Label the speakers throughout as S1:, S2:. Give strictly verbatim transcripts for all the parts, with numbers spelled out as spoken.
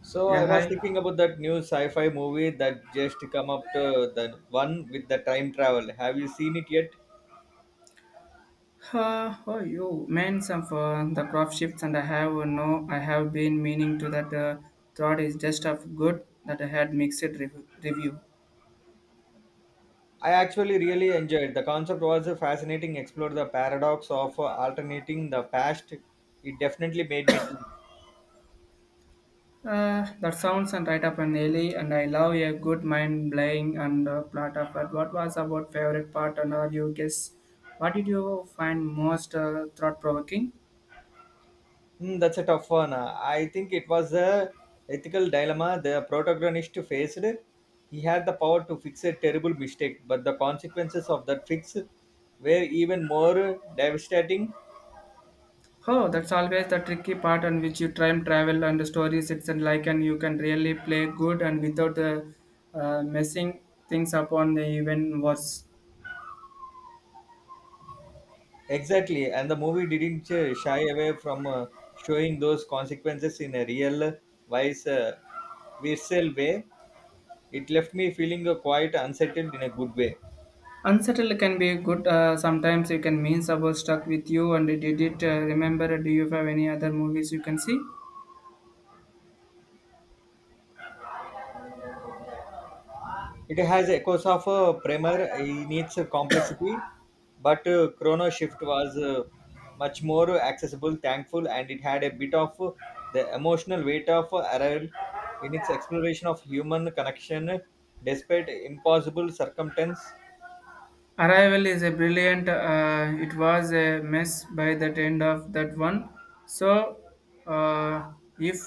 S1: So
S2: Yeah,
S1: I was
S2: hi.
S1: thinking about that new sci-fi movie that just come up to the one with the time travel. Have you seen it yet?
S2: Uh, oh, you meant some for the crop shifts, and I have no, I have been meaning to that. Uh, thought is just of good that I had mixed rev- review.
S1: I actually really enjoyed. The concept was fascinating. Explore the paradox of alternating the past. It definitely made me think.
S2: Uh, that sounds and right up an alley, and I love a good mind playing and uh, plot of but what was about favorite part, and are you guess? What did you find most uh, thought provoking?
S1: Hmm, that's a tough one. I think it was a ethical dilemma the protagonist faced. He had the power to fix a terrible mistake, but the consequences of that fix were even more devastating.
S2: Oh, that's always the tricky part on which you time travel and stories. It's and like and you can really play good and without uh, uh, messing things up on the even worse.
S1: Exactly, and the movie didn't ch- shy away from uh, showing those consequences in a real, wise, uh, visceral way. It left me feeling uh, quite unsettled in a good way.
S2: Unsettled can be good. Uh, sometimes you can mean about stuck with you and did it. Uh, remember, do you have any other movies you can see?
S1: It has echoes of a primer in its complexity, but uh, Chrono Shift was uh, much more accessible, thankful, and it had a bit of uh, the emotional weight of uh, Arrival in its exploration of human connection uh, despite impossible circumstance.
S2: Arrival is a brilliant. Uh, it was a mess by the end of that one. So, uh, if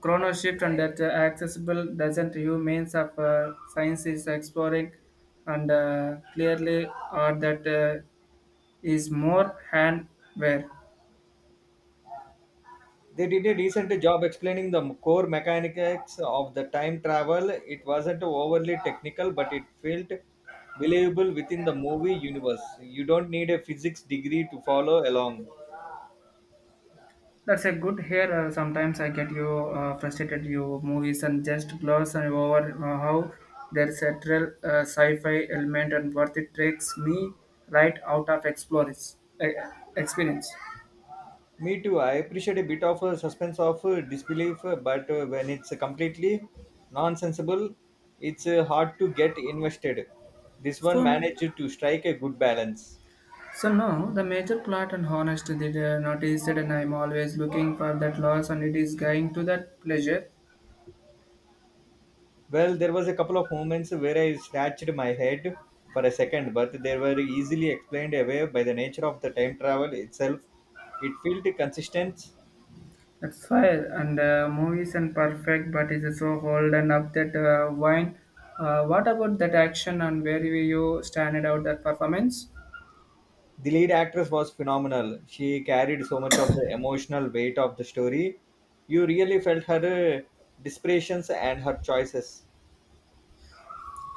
S2: chrono shift and that uh, accessible doesn't remains of uh, science is exploring and uh, clearly or that uh, is more handware
S1: They did a decent job explaining the core mechanics of the time travel. It wasn't overly technical, but it felt believable within the movie universe. You don't need a physics degree to follow along.
S2: that's a good here uh, sometimes I get you uh, frustrated you movies and just gloss and over uh, how there's a real uh, sci-fi element and worth it takes me right out of explorers uh, experience
S1: Me too. I appreciate a bit of a suspense of uh, disbelief, uh, but uh, when it's uh, completely nonsensible, it's uh, hard to get invested. This one
S2: so
S1: managed to strike a good balance.
S2: so no, the major plot and honest they are not easy and I'm always looking for that loss and it is going to that pleasure.
S1: Well, there was a couple of moments where I scratched my head for a second, but they were easily explained away by the nature of the time travel itself. It felt consistent.
S2: That fire and uh, movies and perfect but it's so old and up that uh, wine. Uh, what about that action and where will you stand out that performance?
S1: The lead actress was phenomenal. She carried so much of the emotional weight of the story. You really felt her uh, desperations and her choices.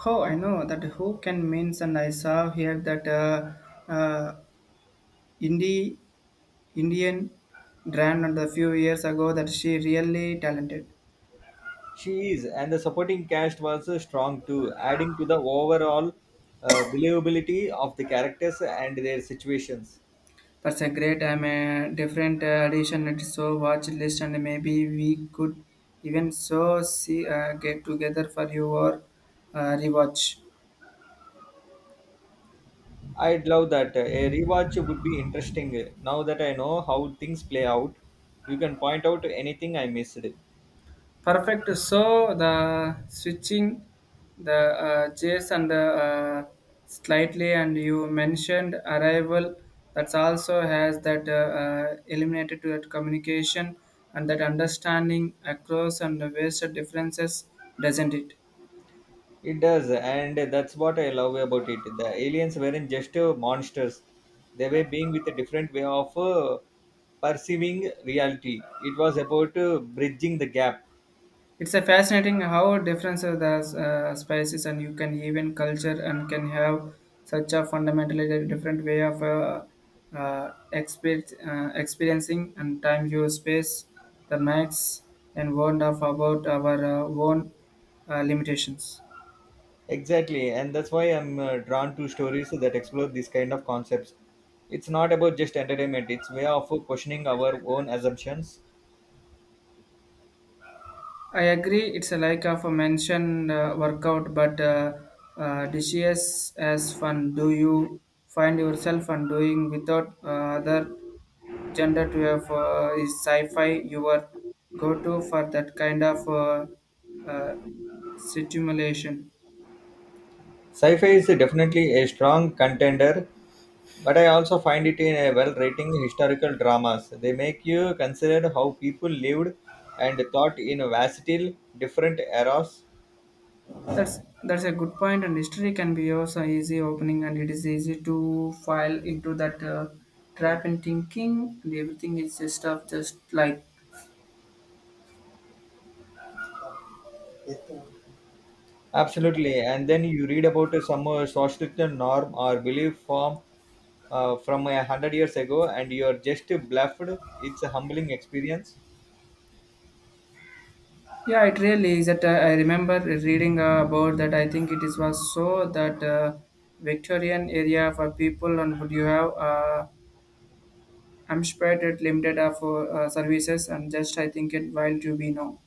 S2: Oh, I know that who can means and I saw here that uh, uh, indie Indian brand and a few years ago that she really talented.
S1: She is, and the supporting cast was uh, strong too, adding to the overall uh, believability of the characters and their situations.
S2: That's a great. I'm a different uh, addition. It's so watch list, and maybe we could even so see uh, get together for your uh, rewatch.
S1: I'd love that. A rewatch would be interesting. Now that I know how things play out, you can point out anything I missed.
S2: Perfect. So the switching the uh, chase and the uh, slightly, and you mentioned arrival. That's also has that uh, uh, eliminated to that communication and that understanding across and the ways of differences, doesn't it?
S1: It does, and that's what I love about it. The aliens weren't just uh, monsters, they were being with a different way of uh, perceiving reality. It was about uh, bridging the gap.
S2: It's a fascinating how different the uh, spices and you can even culture and can have such a fundamentally different way of uh, uh, exper- uh, experiencing and time your space the max and warned of about our uh, own uh, limitations.
S1: Exactly, and that's why I'm uh, drawn to stories that explore these kind of concepts. It's not about just entertainment, it's way of questioning our own assumptions.
S2: I agree, it's a like of a mentioned uh, workout, but uh, uh, dishes as fun. Do you find yourself and doing without uh, other gender to have uh, is sci-fi your go-to for that kind of uh, uh, stimulation?
S1: Sci-fi is definitely a strong contender, but I also find it in a well-written historical dramas. They make you consider how people lived and thought in vastly different eras.
S2: That's that's a good point, and history can be also easy opening, and it is easy to fall into that uh, trap in thinking, and everything is just stuff just like
S1: Absolutely, and then you read about some uh, social norm or belief form uh, from a hundred years ago, and you are just bluffed. It's a humbling experience.
S2: yeah, it really is that uh, I remember reading uh, about that. I think it is was so that uh, Victorian area for people and would you have uh, Amstrad limited uh, for uh, services and just I think it while to be now.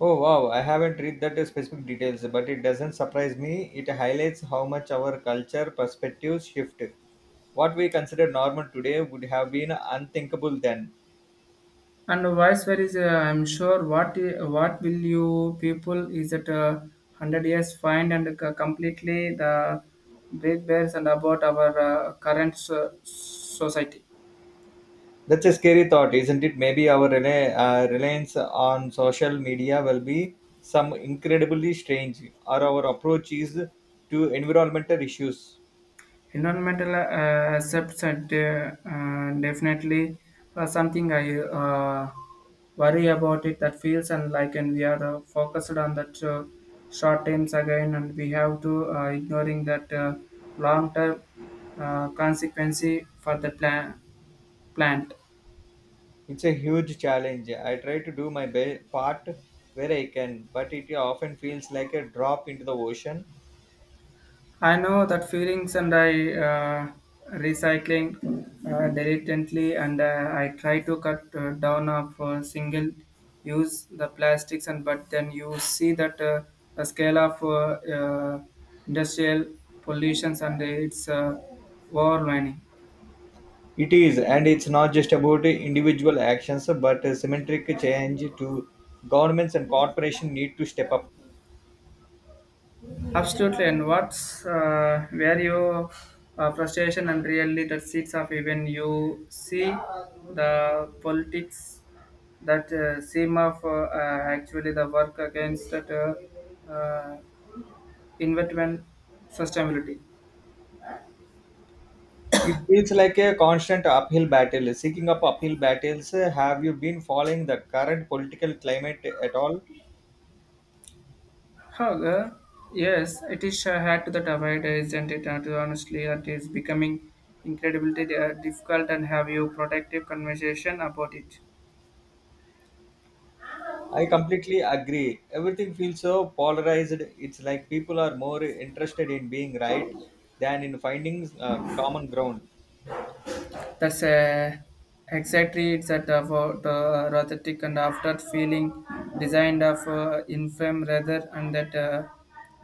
S1: Oh wow, I haven't read that specific details, but it doesn't surprise me. It highlights how much our culture perspectives shift. What we consider normal today would have been unthinkable then.
S2: And vice versa, I'm sure what what will you people is that uh, hundred years find and c- completely the break bears and about our uh, current so- society.
S1: That's a scary thought, isn't it? Maybe our rela- uh, reliance on social media will be some incredibly strange, or our approach is to environmental issues.
S2: Environmental uh, accepts that uh, uh, definitely uh, something I uh, worry about it that feels and like and we are uh, focused on that uh, short terms again and we have to uh, ignoring that uh, long term uh, consequence for the plan plant.
S1: It's a huge challenge. I try to do my be- part where I can, but it often feels like a drop into the ocean.
S2: I know that feelings and I uh, recycling uh, diligently and uh, I try to cut uh, down of uh, single use the plastics and but then you see that uh, the scale of uh, uh, industrial pollutions and its uh, overwhelming.
S1: It is, and it's not just about individual actions, but a symmetric change to governments and corporations need to step up.
S2: Absolutely, and what's uh, where your uh, frustration and really the seeds of even you see the politics that uh, same of uh, uh, actually the work against that uh, uh, investment sustainability.
S1: It feels like a constant uphill battle. Seeking up uphill battles, have you been following the current political climate at all?
S2: However, yes, it is uh, hard to that avoid, isn't it? And honestly, it is becoming incredibly uh, difficult and have you productive conversation about it.
S1: I completely agree. Everything feels so polarized. It's like people are more interested in being right than in finding uh, common ground.
S2: That's uh, exactly it's at about uh, rothetic and after feeling designed of uh, infirm rather and that uh,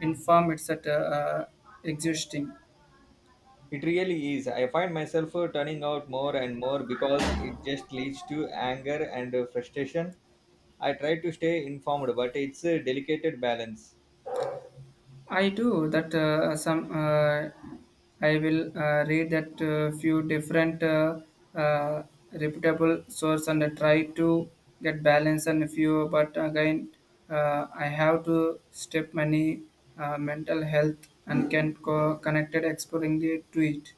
S2: inform it's at uh, uh, existing.
S1: It really is. I find myself uh, turning out more and more because it just leads to anger and uh, frustration. I try to stay informed, but it's a delicate balance.
S2: I do that uh, some uh, I will uh, read that uh, few different uh, uh, reputable source and uh, try to get balance and few but again uh, I have to step many uh, mental health and can co- connected exploring the to it.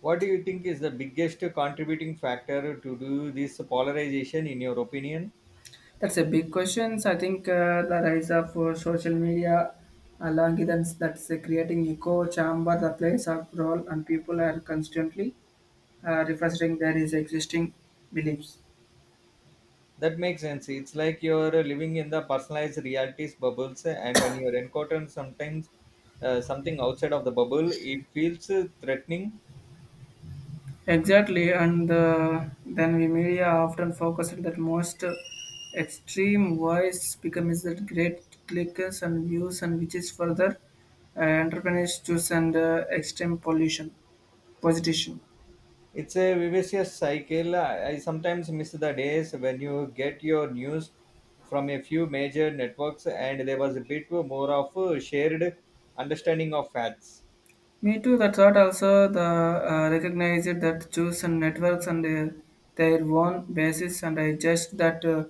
S1: What do you think is the biggest contributing factor to do this polarization, in your opinion?
S2: That's a big question. I think uh, the rise of uh, social media algorithms that's uh, creating echo chamber the place of role and people are constantly uh, refreshing their his existing beliefs.
S1: That makes sense. It's like you're uh, living in the personalized realities bubbles, and when you're encountering sometimes uh, something outside of the bubble, it feels uh, threatening.
S2: Exactly, and uh, then we media often focus on that most extreme voice becomes that great clickers and views, and which is further uh, entrepreneurs choose and uh, extreme pollution, position.
S1: It's a vicious cycle. I I sometimes miss the days when you get your news from a few major networks and there was a bit more of a shared understanding of facts.
S2: Me too. That's what also the uh, recognize it that choose and networks and uh, their own basis and I just that uh,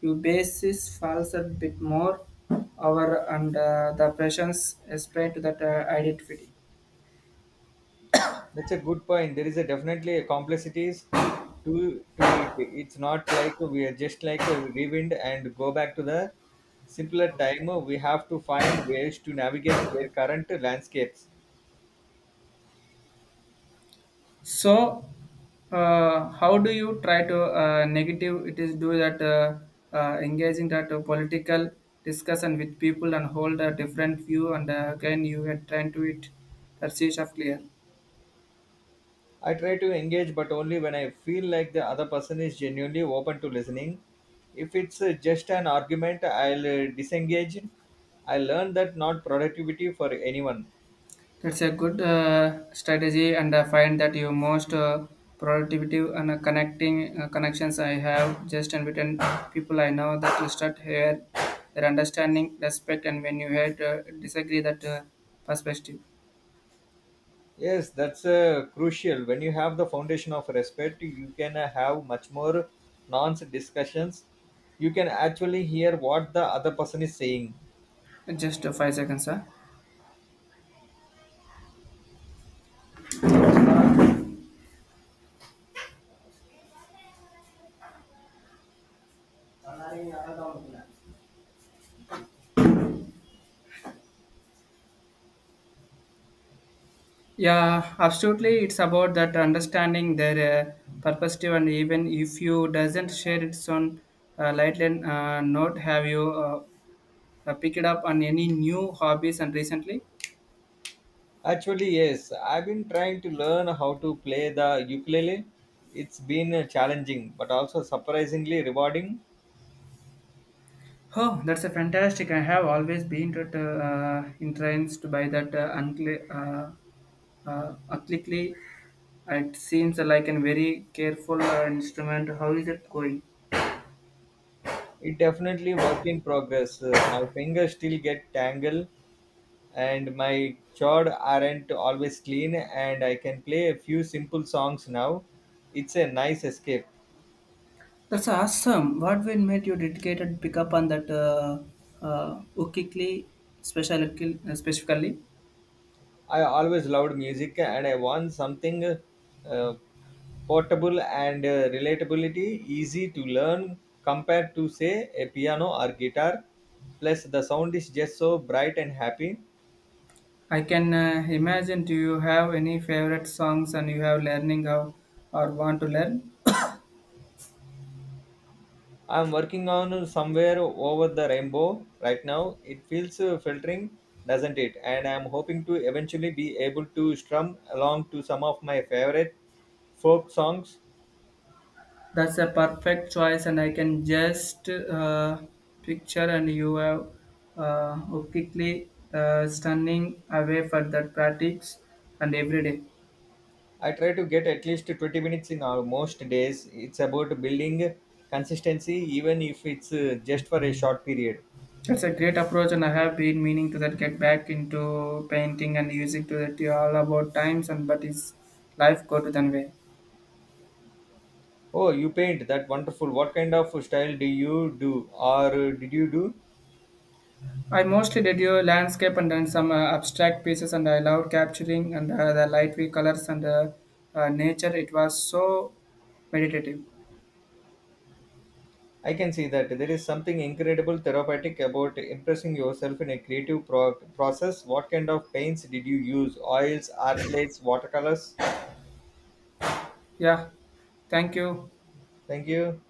S2: your basis falls a bit more over and uh, the pressures spread to that uh, identity.
S1: That's a good point. There is a definitely a complexities to to it. It's not like we are just like a rewind and go back to the simpler time. We have to find ways to navigate their current landscapes.
S2: So, uh, how do you try to uh, negative it is do that uh, uh, engaging that uh, political discussion with people and hold a different view and uh, again you get trying to it that sees of clear.
S1: I try to engage, but only when I feel like the other person is genuinely open to listening. If it's uh, just an argument, I'll uh, disengage. I learned that not productivity for anyone.
S2: It's a good uh, strategy, and I find that your most uh, productivity and uh, connecting uh, connections I have just and between people I know that you start here, their understanding, respect, and when you had uh, disagree that uh, perspective.
S1: Yes, that's uh, crucial. When you have the foundation of respect, you can uh, have much more nonce discussions. You can actually hear what the other person is saying.
S2: Just uh, five seconds, sir. Yeah, absolutely. It's about that understanding their uh, perspective, and even if you doesn't share its own uh, lightly uh, note, have you uh, uh, picked up on any new hobbies and recently?
S1: Actually, yes, I've been trying to learn how to play the ukulele. It's been uh, challenging, but also surprisingly rewarding.
S2: Oh, that's a fantastic! I have always been tut- uh, entranced by that uh, uncli- uh, uh, ethnically. It seems like a very careful uh, instrument. How is it going?
S1: It definitely work in progress. Uh, my fingers still get tangled and my chord aren't always clean and I can play a few simple songs now. It's a nice escape.
S2: That's awesome. What will make you dedicated pick up on that uh, uh, ukikli specifically? Specifically,
S1: I always loved music and I want something uh, portable and uh, relatability easy to learn compared to say a piano or guitar. Plus the sound is just so bright and happy.
S2: I can uh, imagine. Do you have any favorite songs and you have learning how or want to learn?
S1: I'm working on somewhere over the rainbow right now. It feels uh, filtering, doesn't it? And I'm hoping to eventually be able to strum along to some of my favorite folk songs.
S2: That's a perfect choice, and I can just uh, picture and you have uh, quickly uh, stunning away for that practice and every day.
S1: I try to get at least twenty minutes in our most days. It's about building consistency, even if it's uh, just for a short period.
S2: That's a great approach, and I have been meaning to that get back into painting and music to that all about times and but is life go to that way.
S1: Oh, you paint that wonderful. What kind of style do you do, or uh, did you do?
S2: I mostly did your landscape and then some uh, abstract pieces, and I loved capturing and uh, the lightweight colors and uh, uh, nature. It was so meditative.
S1: I can see that there is something incredible therapeutic about impressing yourself in a creative pro- process. What kind of paints did you use? Oils, art watercolors?
S2: Yeah. Thank you.
S1: Thank you.